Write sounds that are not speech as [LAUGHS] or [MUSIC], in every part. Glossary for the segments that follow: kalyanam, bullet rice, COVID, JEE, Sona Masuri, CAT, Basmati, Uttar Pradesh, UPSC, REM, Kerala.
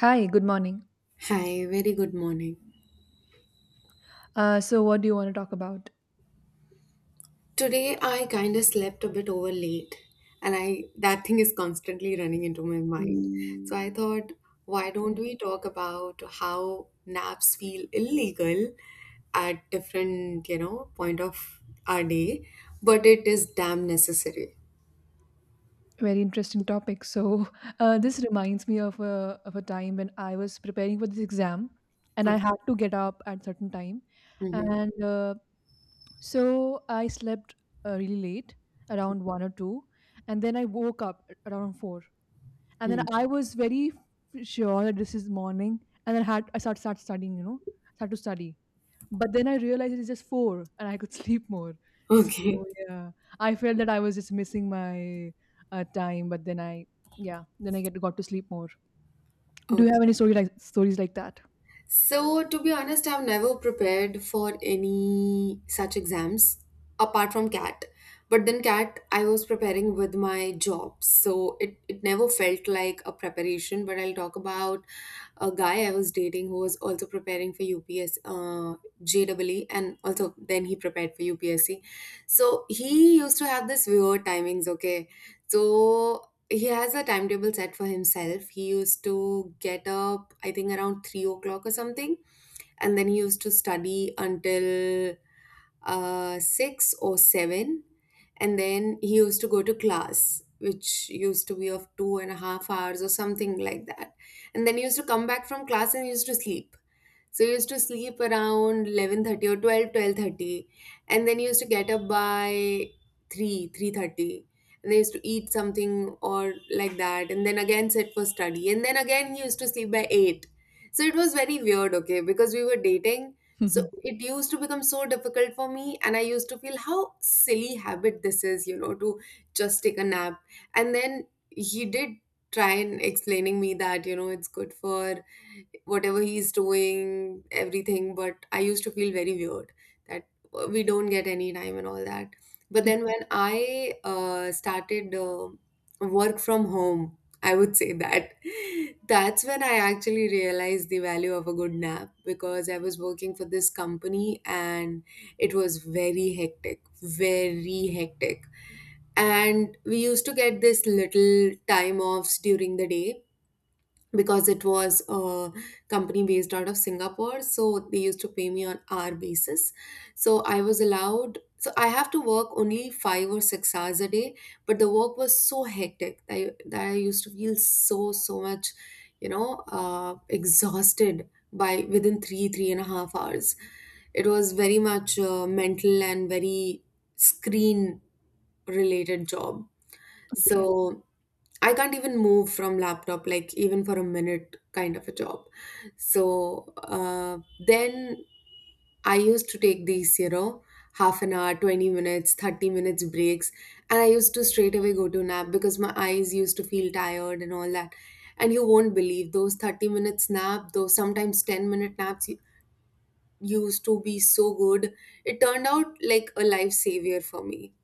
Hi, good morning. Hi, very good morning. What do you want to talk about? Today I kind of slept a bit over late, and I, that thing is constantly running into my mind. So I thought, why don't Yeah. we talk about how naps feel illegal at different, point of our day, but it is damn necessary. Very interesting topic. So, [LAUGHS] this reminds me of a time when I was preparing for this exam, and I Okay. had to get up at certain time, Mm-hmm. and so I slept really late, around one or two, and then I woke up around four, and then Hmm. I was very sure that this is morning, and then had I start studying, you know, start to study. But then I realized it's just 4 and I could [LAUGHS] sleep more. So, Okay. yeah, I felt that I was just missing my time, but then I yeah, then I get got to sleep more. Do you have Okay. any story like stories like that? So, to be honest, I've never prepared for any such exams apart from CAT. But then CAT, I was preparing with my job. So it never felt like a preparation. But I'll talk about a guy I was dating who was also preparing for UPS, JEE, and also then he prepared for UPSC. So he used to have this weird timings, okay? So he has a timetable set for himself. He used to get up, I think, around 3 o'clock or something, and then he used to study until six or seven, and then he used to go to class, which used to be of 2.5 hours or something like that, and then he used to come back from class and he used to sleep. So you used to sleep around 11:30 or twelve twelve thirty, and then you used to get up by 3, 3:30, and they used to eat something or like that, and then again sit for study, and then again he used to sleep by 8. So it was very weird, okay, because we were dating. So [LAUGHS] O- it used to become so difficult for me, and I used to feel how silly habit this is, to just take a nap. And then he did try and explaining me that, it's good for whatever he's doing, everything. But I used to feel very weird that we don't get any time and all that. But then when I started work from home, I would say that [LAUGHS] that's when I actually realized the value of a good nap, because I was working for this company and it was very hectic, very hectic. And we used to get this little time offs during the day because it was a company based out of Singapore. So they used to pay me on hour basis. So I was allowed, so I have to work only 5 or 6 hours a day, but the work was so hectic that that I used to feel so, so much, exhausted by within 3.5 hours. It was very much mental and very screen related job. Okay. So I can't even move from laptop like even for a minute kind of a job. So then I used to take these, half an hour, 20 minutes, 30 minutes breaks, and I used to straight away go to nap because my eyes used to feel tired and all that. And you won't believe those 30 minutes nap, those sometimes 10-minute naps used to be so good. It turned out like a life savior for me,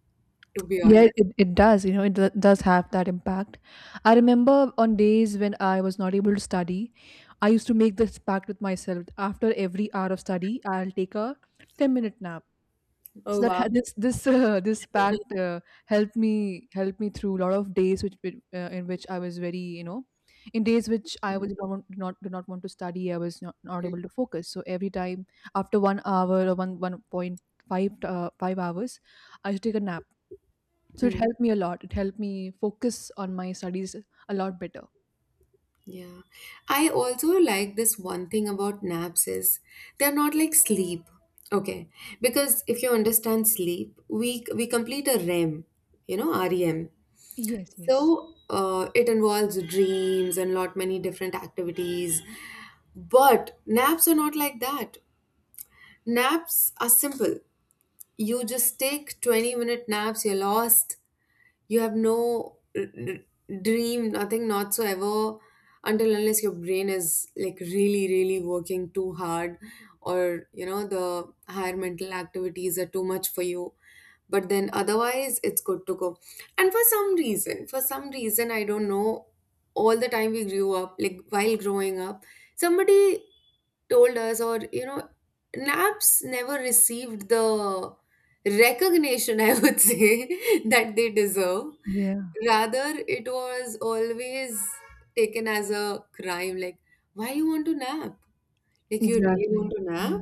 to be Yeah, honest. it does. You know, it does have that impact. I remember on days when I was not able to study, I used to make this pact with myself. After every hour of study, I'll take a 10-minute nap. So Oh, that wow. had this this this pact [LAUGHS] helped me through a lot of days which in which I was very, you know, in days which I was not, did not want to study, I was not able to focus. So every time after 1 hour or 1.5 5 hours, I used to take a nap, so it Mm. helped me a lot. It helped me focus on my studies a lot better. Yeah. I also like this one thing about naps is they're not like sleep. Okay. Because if you understand sleep, we complete a REM, REM. Yes, yes. So it involves dreams and lot many different activities. But naps are not like that. Naps are simple. You just take 20-minute naps, you're lost, you have no dream, nothing not so ever, until unless your brain is like really really working too hard, or the higher mental activities are too much for you. But then otherwise it's good to go. And for some reason, I don't know, all the time we grew up, like while growing up, somebody told us, or naps never received the recognition, [LAUGHS] I would say, [LAUGHS] that they deserve. Yeah, Rather, it was always taken as a crime. Like, why you want to nap? Like, you really want exactly. to Yeah. nap?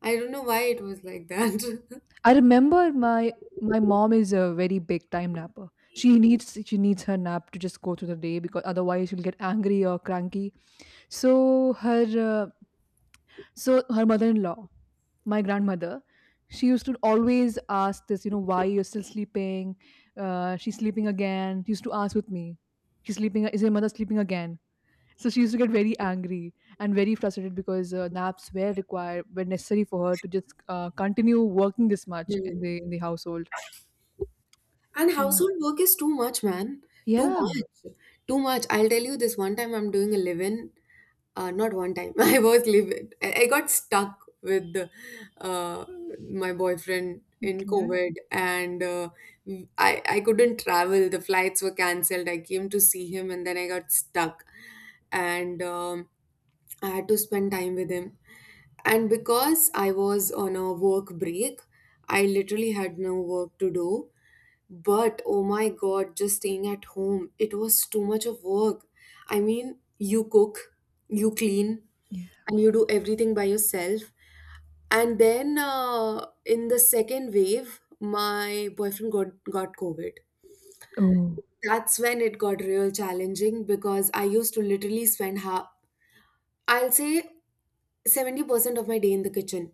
I don't know why it was like that. [LAUGHS] I remember my my mom is a very big time napper. She needs, she needs her nap to just go through the day, because otherwise she'll get angry or cranky. So her uh, so her mother-in-law, my grandmother, she used to always ask this, you know, "Why you're still sleeping? She's sleeping again." She used to ask with me, "She's sleeping. Is your mother sleeping again?" So she used to get very angry and very frustrated because naps were required, were necessary for her to just continue working this much Hmm. In the household. And Yeah. household work is too much, man. Too Yeah. much. Too much. I'll tell you this one time I'm doing a live in. Not one time. [LAUGHS] I was live in. I got stuck with uh, my boyfriend in Okay. COVID, and I couldn't travel. The flights were cancelled. I came to see him and then I got stuck. And I had to spend time with him. And because I was on a work break, I literally had no work to do. But oh my god, just staying at home, it was too much of work. I mean, you cook, you clean, Yeah. and you do everything by yourself. And then in the second wave, my boyfriend got COVID. Oh. That's when it got real challenging because I used to literally spend half, I'll say, 70% of my day in the kitchen,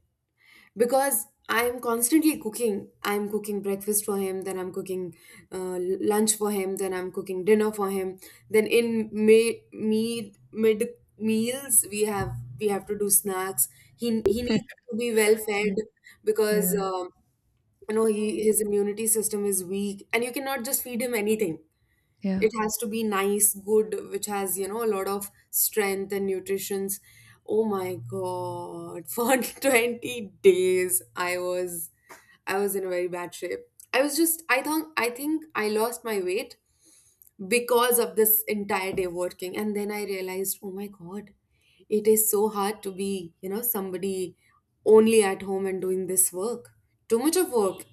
because I am constantly cooking. I'm cooking breakfast for him, then I'm cooking lunch for him, then I'm cooking dinner for him. Then in may, mid mid meals, we have to do snacks. He needs to be well Okay. fed, because Yeah. He his immunity system is weak, and you cannot just feed him anything. Yeah. It has to be nice good, which has a lot of strength and nutritions. Oh my god, [LAUGHS] for 20 days I was in a very bad shape. I was just i thought, i think I lost my weight because of this entire day working. And then I realized, oh my god, it is so hard to be somebody only at home and doing this work. Too much of work.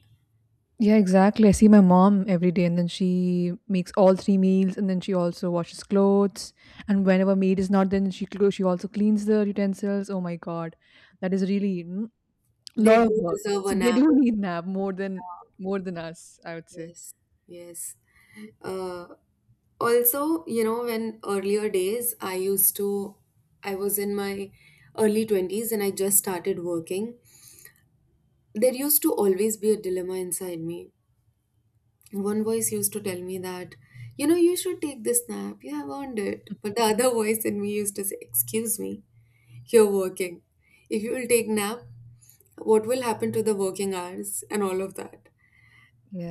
Yeah, exactly. I see my mom every day, and then she makes all three meals, and then she also washes clothes. And whenever maid is not, then she she also cleans the utensils. Oh my god, that is really mm, They lot of do work. deserve a So they nap. do need nap more than us, I would say. Yes, yes. Uh, also when earlier days, I used to I was in my early 20s and I just started working. There used to always be a dilemma inside me. One voice used to tell me that you should take this nap, you have earned it. But the other [LAUGHS] voice in me used to say, excuse me, you're working. If you will take nap, what will happen to the working hours and all of that?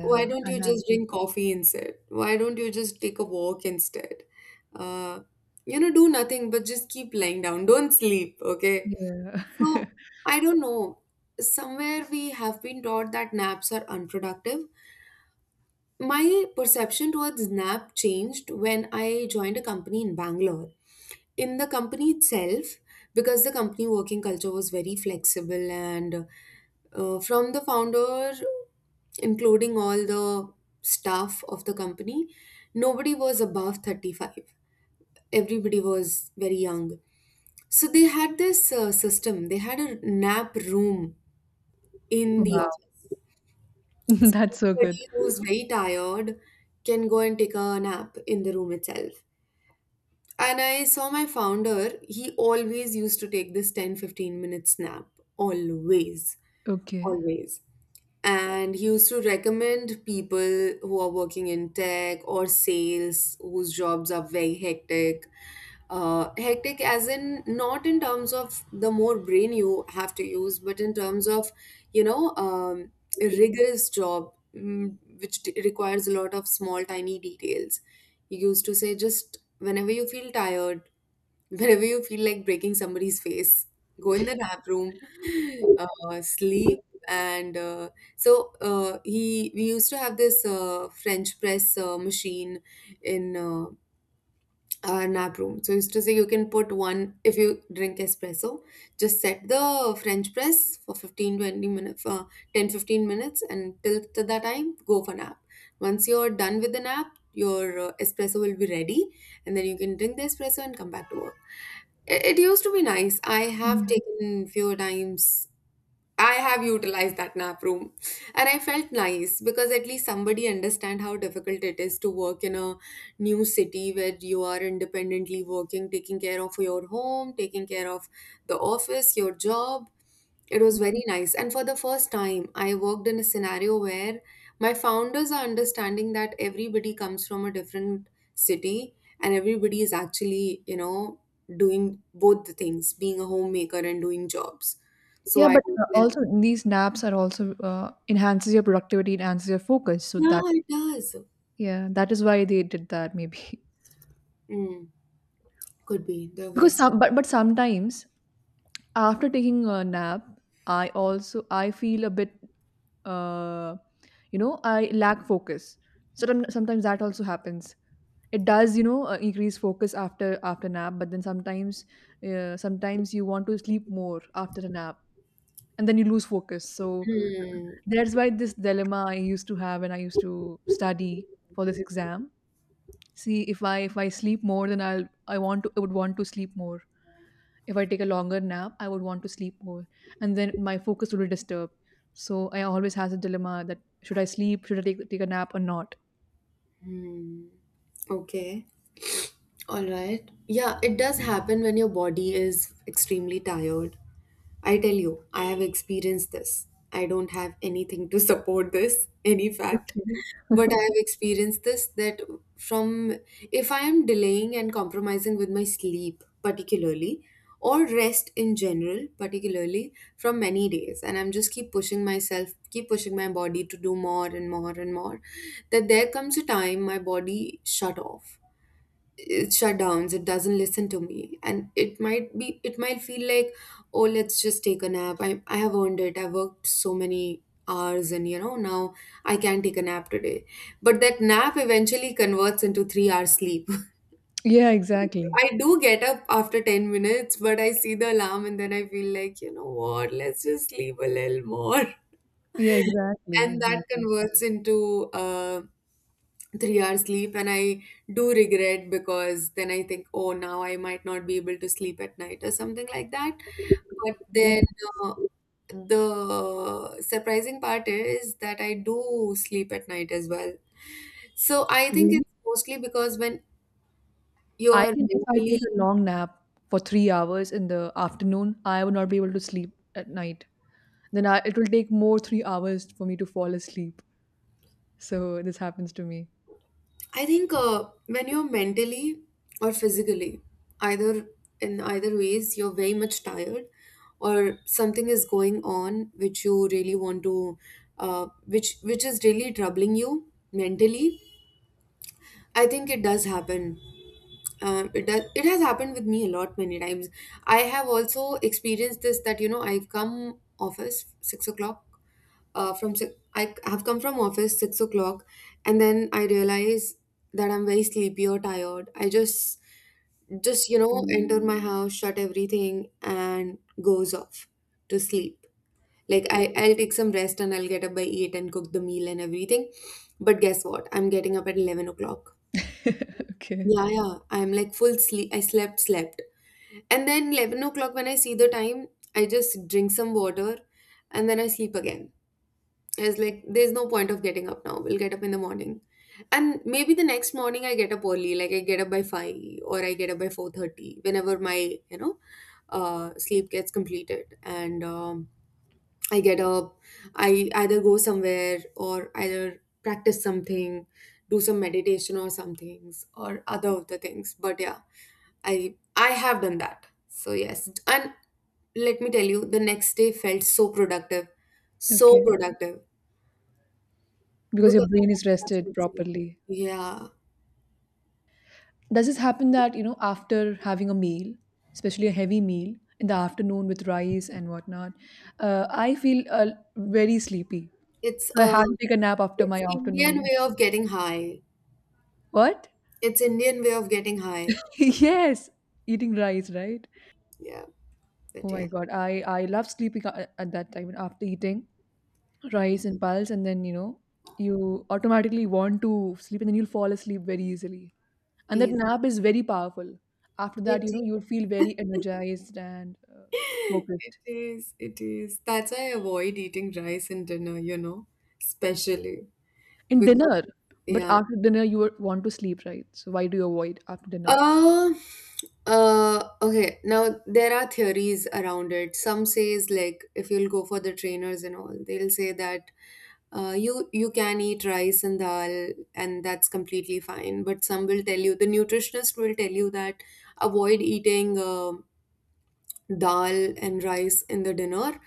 Why don't I you had just to. drink coffee instead? Why don't you just take a walk instead? Uh, do nothing but just keep lying down. Don't sleep, okay? Yeah. [LAUGHS] So, I don't know. Somewhere we have been taught that naps are unproductive. My perception towards nap changed when I joined a company in Bangalore, in the company itself, because the company working culture was very flexible, and from the founder, including all the staff of the company, nobody was above 35. Everybody was very young. So they had this system, they had a nap room in the Wow. office. [LAUGHS] That's so good. Somebody who's very tired can go and take a nap in the room itself. And I saw my founder, he always used to take this ten fifteen 15-minute nap. Always. Okay. Always. And he used to recommend people who are working in tech or sales, whose jobs are very hectic. Hectic, as in not in terms of the more brain you have to use, but in terms of, you know, um, a rigorous job, which requires a lot of small, tiny details. He used to say, just whenever you feel tired, whenever you feel like breaking somebody's face, go in the nap room, [LAUGHS] sleep. And so we used to have this French press machine in our nap room. So he used to say you can put one if you drink espresso, just set the French press for 15, 20 minutes, 10, 15 minutes, and till that time, go for nap. Once you're done with the nap, your espresso will be ready, and then you can drink the espresso and come back to work. It used to be nice. I have taken few times. I have utilized that nap room, and I felt nice because at least somebody understand how difficult it is to work in a new city where you are independently working, taking care of your home, taking care of the office, your job. It was very nice. And for the first time, I worked in a scenario where my founders are understanding that everybody comes from a different city, and everybody is actually, doing both the things, being a homemaker and doing jobs. So Yeah, I but don't— also these naps are also enhances your productivity, enhances your focus. So yeah, that, it does. yeah, that is why they did that maybe. Mm, could be. The [LAUGHS] are Because some but sometimes after taking a nap, I also I feel a bit uh you know, I lack focus. So then sometimes that also happens. It does, you know, increase focus after after nap, but then sometimes sometimes you want to sleep more after a nap, and then you lose focus. So Hmm. that's why this dilemma I used to have when I used to study for this exam. See, if I sleep more, then I would want to sleep more. If I take a longer nap, I would want to sleep more, and then my focus will be disturbed. So I always has a dilemma that should I sleep, should I take a nap or not? Okay. All right. Yeah, it does happen when your body is extremely tired. I tell you, I have experienced this. I don't have anything to support this, any fact. Okay. But I have experienced this that from if I am delaying and compromising with my sleep, particularly, or rest in general, particularly from many days, and I'm just keep pushing myself, keep pushing my body to do more and more and more, that there comes a time my body shut off, it shutdowns, it doesn't listen to me, and it might feel like, oh, let's just take a nap. I have earned it, I worked so many hours and now I can take a nap today. But that nap eventually converts into 3 hours sleep. Yeah, exactly. [LAUGHS] I do get up after 10 minutes, but I see the alarm and then I feel like, you know what let's just sleep a little more. [LAUGHS] Yeah, exactly, And that exactly. converts into 3 hours sleep, and I do regret because then I think, oh, now I might not be able to sleep at night or something like that. But Yeah, then uh, the surprising part is that I do sleep at night as well. So I think really. it's mostly because when I you're can, if I take mentally, a long nap for 3 hours in the afternoon, I would not be able to sleep at night. Then I, it will take more 3 hours for me to fall asleep. So this happens to me. I think when you're mentally or physically, either, in either ways, you're very much tired, or something is going on which you really want to, which is really troubling you mentally. I think it does happen. It has happened with me a lot many times. I have also experienced this that I've come office 6 o'clock, I have come from office 6 o'clock, and then I realize that I'm very sleepy or tired. I just enter my house, shut everything, and goes off to sleep. Like I'll take some rest and I'll get up by 8 and cook the meal and everything. But guess what? I'm getting up at 11 o'clock. [LAUGHS] Okay. Yeah, yeah. I'm like full sleep. I slept, slept. And then 11 o'clock, when I see the time, I just drink some water and then I sleep again. Is like there's no point of getting up now, we'll get up in the morning. And maybe the next morning I get up early, like I get up by 5 or I get up by 4:30, whenever my you know sleep gets completed. And I get up, I either go somewhere or either practice something, do some meditation or some things or other of the things. But yeah, i have done that. So yes, and let me tell you, the next day felt so productive, so Okay. productive, Because because your I brain is have such a rested good sleep. properly. Yeah, Does this happen that, you know, after having a meal, especially a heavy meal in the afternoon with rice and whatnot, I feel very sleepy. it's So I uh, had to take a nap after it's my Indian afternoon. way of getting high. What? It's Indian way of getting high. [LAUGHS] Yes, eating rice, right? Yeah, Oh but my yeah, god, I love sleeping at that time after eating rice and pulse, and then you know you automatically want to sleep, and then you'll fall asleep very easily. And that is nap is very powerful. After it? that, you know, you will feel very energized and [LAUGHS] It focused. is. It is. That's why I avoid eating rice in dinner. You know, especially, In because dinner, but yeah. after dinner you would want to sleep, right? So why do you avoid after dinner? Uh, okay. Now there are theories around it. Some says, like, if you'll go for the trainers and all, they'll say that you can eat rice and dal and that's completely fine. But some will tell you, the nutritionist will tell you, that avoid eating, dal and rice in the dinner,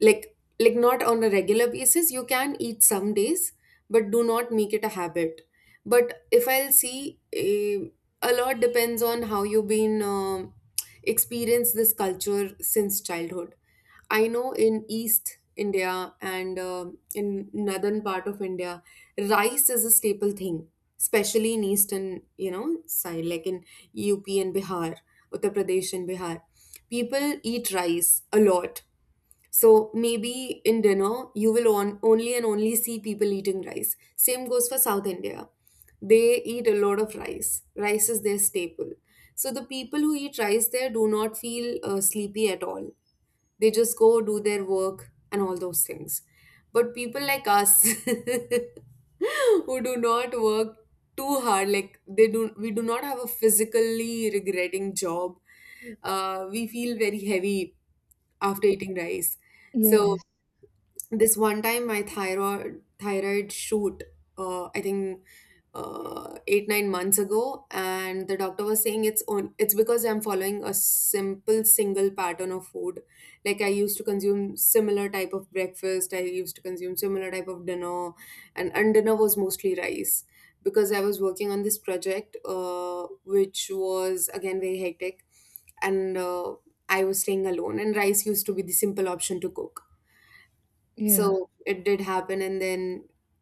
like not on a regular basis, you can eat some days, but do not make it a habit. But if I'll see a lot depends on how you've been experienced this culture since childhood. I know in East India and in northern part of India, rice is a staple thing, especially in eastern, you know, side, like in UP and Bihar, Uttar Pradesh and Bihar. People eat rice a lot, so maybe in dinner, you will only and only see people eating rice. Same goes for South India. They eat a lot of rice. Rice is their staple. So the people who eat rice there do not feel sleepy at all. They just go do their work and all those things. But people like us [LAUGHS] who do not work too hard, like they do, we do not have a physically regretting job. We feel very heavy after eating rice. So, Yes. this one time my thyroid shoot, I think 8 9 months ago, and the doctor was saying it's on, it's because I'm following a simple single pattern of food. Like I used to consume similar type of breakfast, I used to consume similar type of dinner, and dinner was mostly rice, because I was working on this project, which was again very hectic. And I was staying alone and rice used to be the simple option to cook. Yeah. So it did happen, and then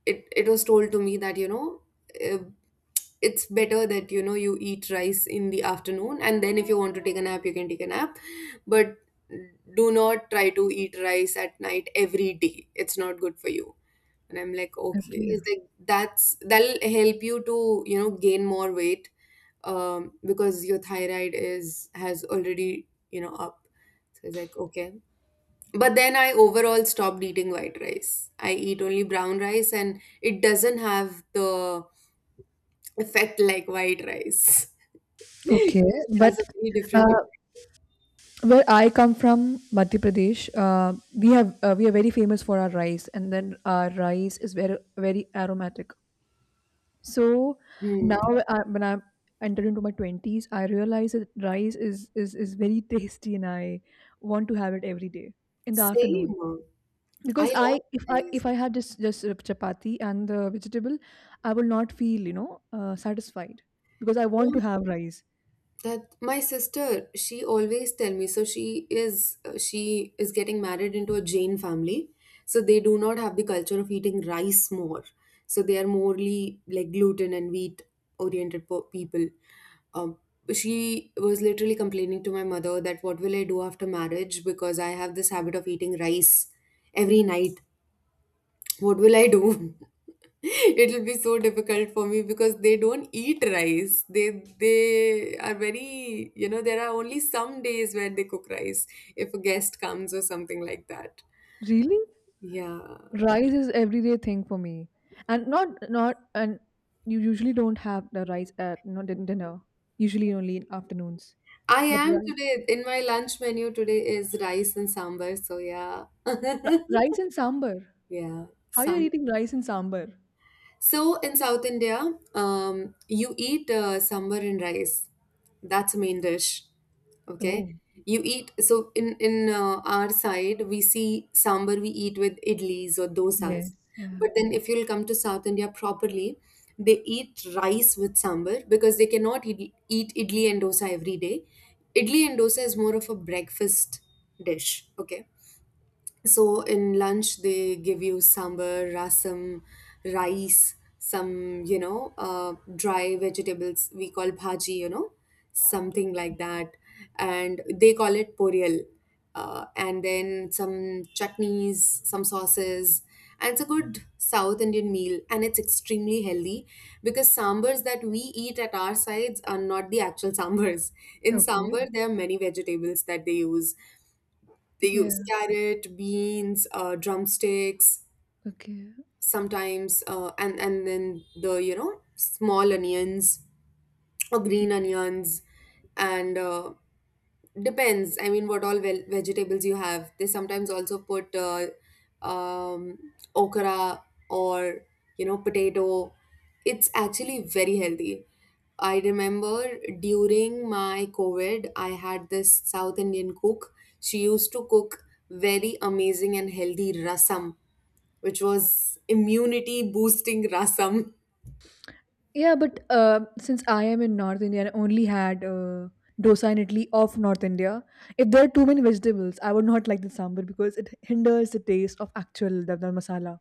it was told to me that, you know, uh, it's better that, you know, you eat rice in the afternoon, and then if you want to take a nap, you can take a nap, but do not try to eat rice at night every day, it's not good for you. And I'm like, okay, it's Okay. like, that'll help you to, you know, gain more weight, because your thyroid is, has already, you know, up. So it's like, okay. But then I overall stopped eating white rice. I eat only brown rice, and it doesn't have the effect like white rice. [LAUGHS] Okay. It But has a very uh, different effect. where I come from, Madhya Pradesh, we are very famous for our rice, and then our rice is very very aromatic. So now Hmm. when I entered into my 20s, I realized that rice is very tasty, and I want to have it every day in the afternoon. Same. I Because I, love if I, this. if I had just chapati and the vegetable, I will not feel, you know, satisfied, because I want to have rice. That my sister, she always tell me, so she is, she is getting married into a Jain family, so they do not have the culture of eating rice more. So they are morely like gluten and wheat oriented people. Um, she was literally complaining to my mother that what will I do after marriage, because I have this habit of eating rice every night. What will I do? [LAUGHS] [LAUGHS] It'll be so difficult for me, because they don't eat rice. They are very, you know, there are only some days where they cook rice, if a guest comes or something like that. Really, Yeah. rice is everyday thing for me, and not not and you usually don't have the rice at, you know, dinner. Usually only in afternoons. I But am, rice, today in my lunch menu, today is rice and sambar, so yeah. ri- [LAUGHS] rice and sambar. Yeah. How you're eating rice and sambar? So in South India, you eat sambar and rice. That's a main dish. Okay, Oh, you eat. So in our side, we see sambar we eat with idlis or yeah. Yes, dosas. yeah. But then if you'll come to South India properly, they eat rice with sambar, because they cannot eat idli and dosa every day. Idli and dosa is more of a breakfast dish. Okay, so in lunch they give you sambar, rasam, rice, some, you know, dry vegetables we call bhaji, you know, something like that, and they call it porial, and then some chutneys, some sauces, and it's a good South Indian meal, and it's extremely healthy, because sambars that we eat at our sides are not the actual [LAUGHS] sambars. In Okay. sambar, there are many vegetables that they use. They Yeah. use carrot, beans, drumsticks, Okay. sometimes, and then the, you know, small onions or green onions, and depends. I mean, what all ve vegetables you have. They sometimes also put um, okra or, you know, potato. It's actually very healthy. I remember during my COVID, I had this South Indian cook. She used to cook very amazing and healthy rasam, which was immunity boosting rasam. [LAUGHS] Yeah, but since I am in North India and I only had dosa and idli of North India, if there are too many vegetables, I would not like the sambar, because it hinders the taste of actual dal masala.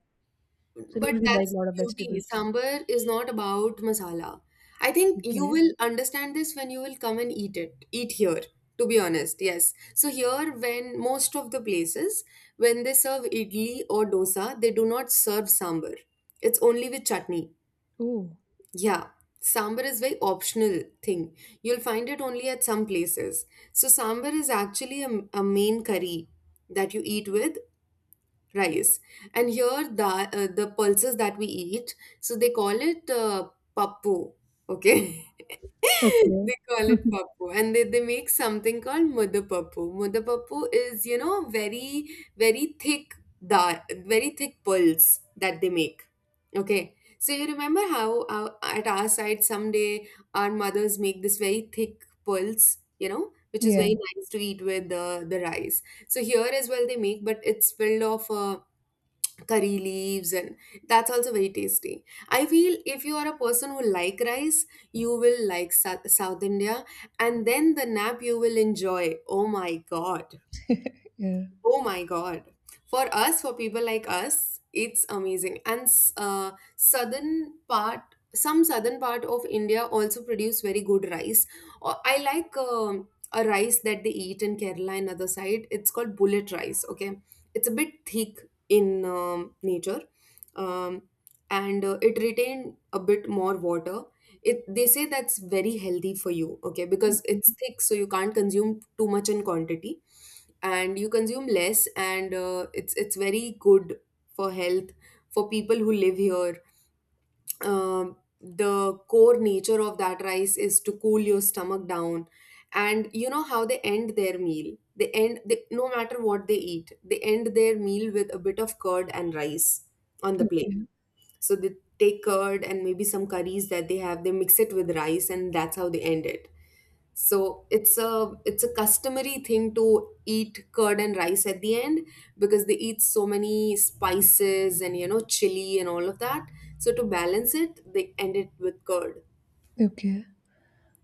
So I don't But really like a that's lot of the beauty. vegetables. Sambar is not about masala. I think you Okay. will understand this when you will come and eat it. Eat here, to be honest. Yes. So here, when most of the places, when they serve idli or dosa, they do not serve sambar. It's only with chutney. Oh. Yeah. Sambar is very optional thing. You'll find it only at some places. So sambar is actually a main curry that you eat with rice. And here the pulses that we eat, so they call it pappu. Okay. [LAUGHS] Okay. They call it [LAUGHS] pappu, and they make something called mudapappu. Mudapappu is, you know, very very thick, da- very thick pulse that they make. Okay, so you remember how, at our side someday our mothers make this very thick pulse, you know, which is Yeah. very nice to eat with the rice. So here as well they make, but it's filled of curry leaves, and that's also very tasty. I feel if you are a person who like rice, you will like south india, and then the nap you will enjoy, oh my god. [LAUGHS] Yeah. Oh my God. For us, for people like us, it's amazing. And southern part, some southern part of India also produce very good rice. I like a rice that they eat in Kerala and other side. It's called bullet rice. Okay, it's a bit thick in nature, um, and it retain a bit more water. It they say that's very healthy for you, okay, because it's thick so you can't consume too much in quantity, and you consume less, and it's very good for health, for people who live here. The core nature of that rice is to cool your stomach down. And you know how they end their meal, they end they, no matter what they eat, they end their meal with a bit of curd and rice on the plate. Okay. So they take curd and maybe some curries that they have, they mix it with rice, and that's how they end it. So it's a customary thing to eat curd and rice at the end, because they eat so many spices and, you know, chili and all of that. So to balance it, they end it with curd. Okay.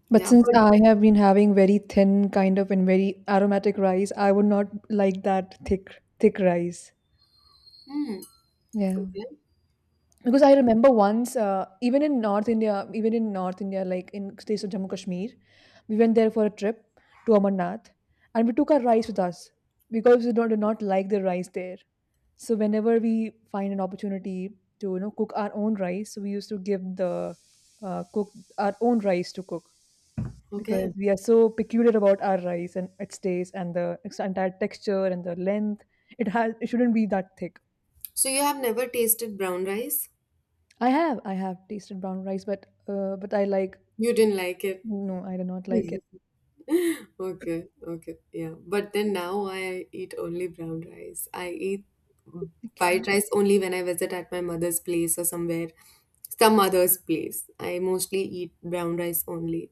But Yeah, since but I have been having very thin kind of and very aromatic rice, I would not like that thick rice. hmm, Yeah, okay, because I remember once, even in North India, like in states of Jammu Kashmir, we went there for a trip to Amarnath, and we took our rice with us because we don't, do not like the rice there. So whenever we find an opportunity to, you know, cook our own rice, so we used to give the cook our own rice to cook, because okay. we are so peculiar about our rice and its taste and the its entire texture and the length. It has, it shouldn't be that thick. So you have never tasted brown rice? I have tasted brown rice, but I like, You didn't like it. no, I do not like it. [LAUGHS] Okay, okay, yeah. But then now I eat only brown rice. I eat Okay, white rice only when I visit at my mother's place or somewhere, some mother's place. I mostly eat brown rice only.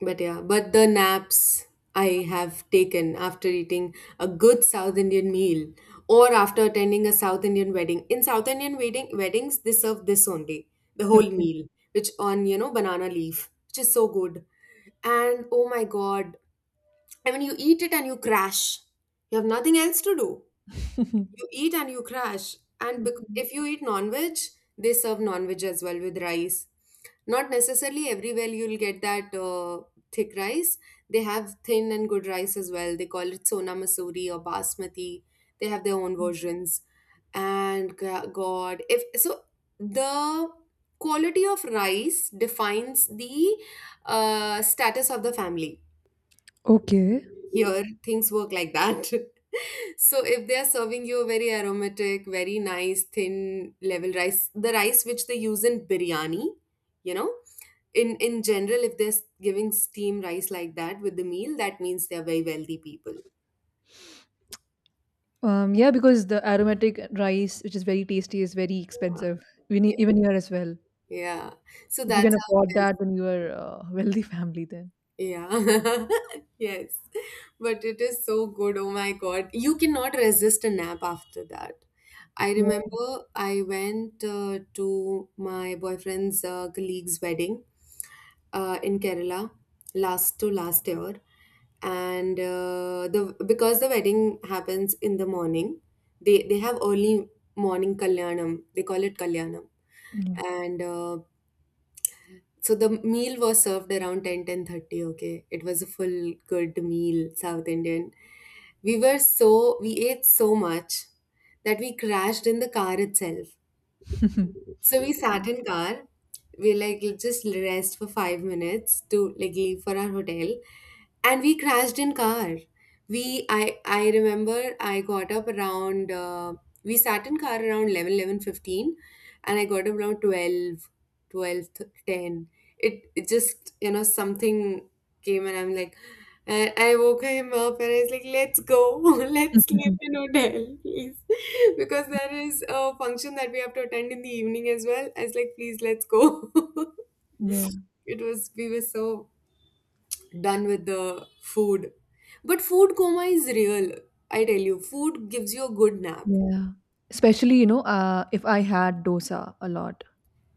But yeah, but the naps I have taken after eating a good South Indian meal or after attending a South Indian wedding. In South Indian wedding weddings, they serve this only, the whole okay, meal, which on, you know, banana leaf, which is so good. And oh my God, I mean, you eat it and you crash. You have nothing else to do. [LAUGHS] You eat and you crash. And okay. if you eat non-veg, they serve non-veg as well with rice. Not necessarily everywhere you'll get that thick rice. They have thin and good rice as well. They call it Sona Masuri or Basmati. They have their own versions. And God, if so, the quality of rice defines the status of the family. Okay. Here, things work like that. [LAUGHS] So if they are serving you a very aromatic, very nice, thin level rice, the rice which they use in biryani, you know, in general, if they're giving steam rice like that with the meal, that means they are very wealthy people. Yeah, because the aromatic rice, which is very tasty, is very expensive. Even Yeah. even here as well. Yeah. So If you can that's how afford it is. that, then you are a wealthy family. Then. Yeah. [LAUGHS] Yes. But it is so good. Oh my God. You cannot resist a nap after that. I Yeah. remember I went to my boyfriend's colleague's wedding in Kerala last to last year, and the because the wedding happens in the morning, they have early morning kalyanam. They call it kalyanam, and so the meal was served around 10, 10:30. Okay, it was a full good meal, South Indian. We were so, we ate so much that we crashed in the car itself. Yeah. So we sat in car. We like just rest for 5 minutes to like leave for our hotel, and we crashed in car. We I remember I got up around we sat in car around 11, 11:15, and I got up around 12, 12:10. It it just, you know, something came and I'm like, and I woke him up and I was like, let's go, [LAUGHS] let's sleep in hotel, please. [LAUGHS] Because there is a function that we have to attend in the evening as well. I was like, please, let's go. [LAUGHS] Yeah. [LAUGHS] It was, we were so done with the food. But food coma is real, I tell you. Food gives you a good nap. Yeah. Especially, you know, if I had dosa a lot.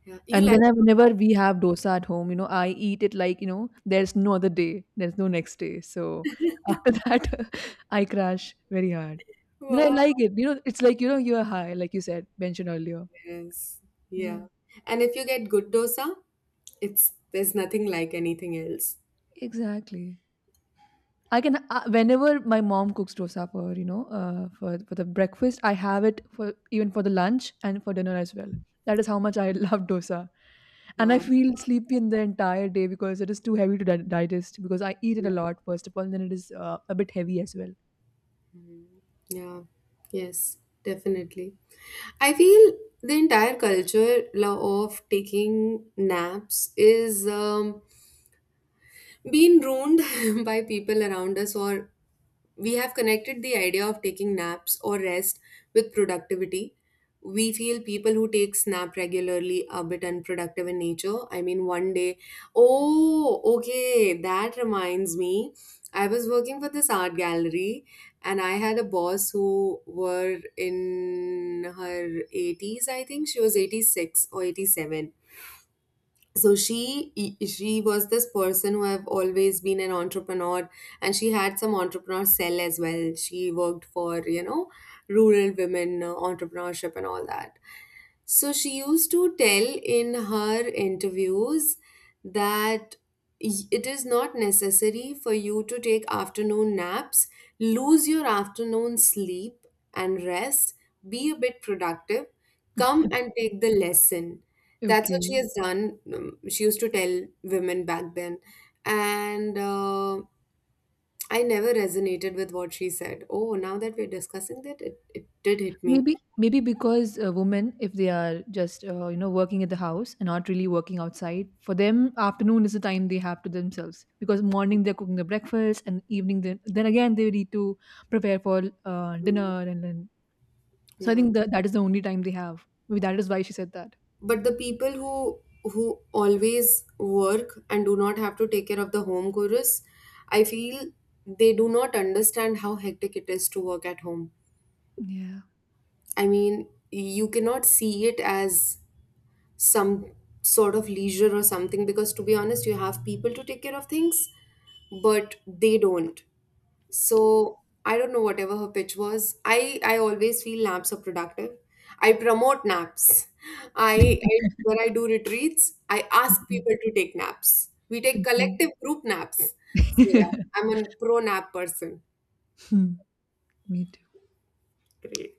Yeah. You And like, then I, whenever we have dosa at home, you know, I eat it like, you know, there's no other day, there's no next day. So after [LAUGHS] that, I crash very hard. Then I wow, like it. You know, it's like, you know, you're high, like you said, mentioned earlier. yes. Yeah, Yeah. And if you get good dosa, it's, there's nothing like anything else. exactly. I can, whenever my mom cooks dosa for, you know, for the breakfast, I have it for even for the lunch and for dinner as well. That is how much I [LAUGHS] love dosa, and I Wow. feel sleepy in the entire day because it is too heavy to digest. Because I eat it a lot first of all, and then it is a bit heavy as well. Yeah, yes, definitely. I feel the entire culture of taking naps is being ruined [LAUGHS] by people around us, or we have connected the idea of taking naps or rest with productivity. We feel people who take snap regularly are a bit unproductive in nature. I mean, one day, oh, okay, that reminds me. I was working for this art gallery and I had a boss who were in her 80s, I think. She was 86 or 87. So she e, she was this person who have always been an entrepreneur, and she had some entrepreneur cell as well. She worked for, you know, rural women entrepreneurship and all that. So she used to tell in her interviews that it is not necessary for you to take afternoon naps, lose your afternoon sleep and rest, be a bit productive, come and take the lesson. That's what she Okay. has done. She used to tell women back then. And I never resonated with what she said. Oh, now that we're discussing that, it did hit me. Maybe maybe because women, if they are just, you know, working at the house and not really working outside, for them afternoon is the time they have to themselves, because morning they're cooking the breakfast and evening then again they need to prepare for dinner, and then so I Yeah. think that that is the only time they have. Maybe that is why she said that. But the people who always work and do not have to take care of the home chorus, I feel they do not understand how hectic it is to work at home. Yeah. I mean, you cannot see it as some sort of leisure or something, because to be honest, you have people to take care of things, but they don't. So I don't know whatever her pitch was. I always feel naps are productive. I promote naps. I when I do retreats, I ask Mhm. people to take naps. We take Agree. collective group naps. So yeah, [LAUGHS] I'm a pro nap person. Hmm. Me too. Great.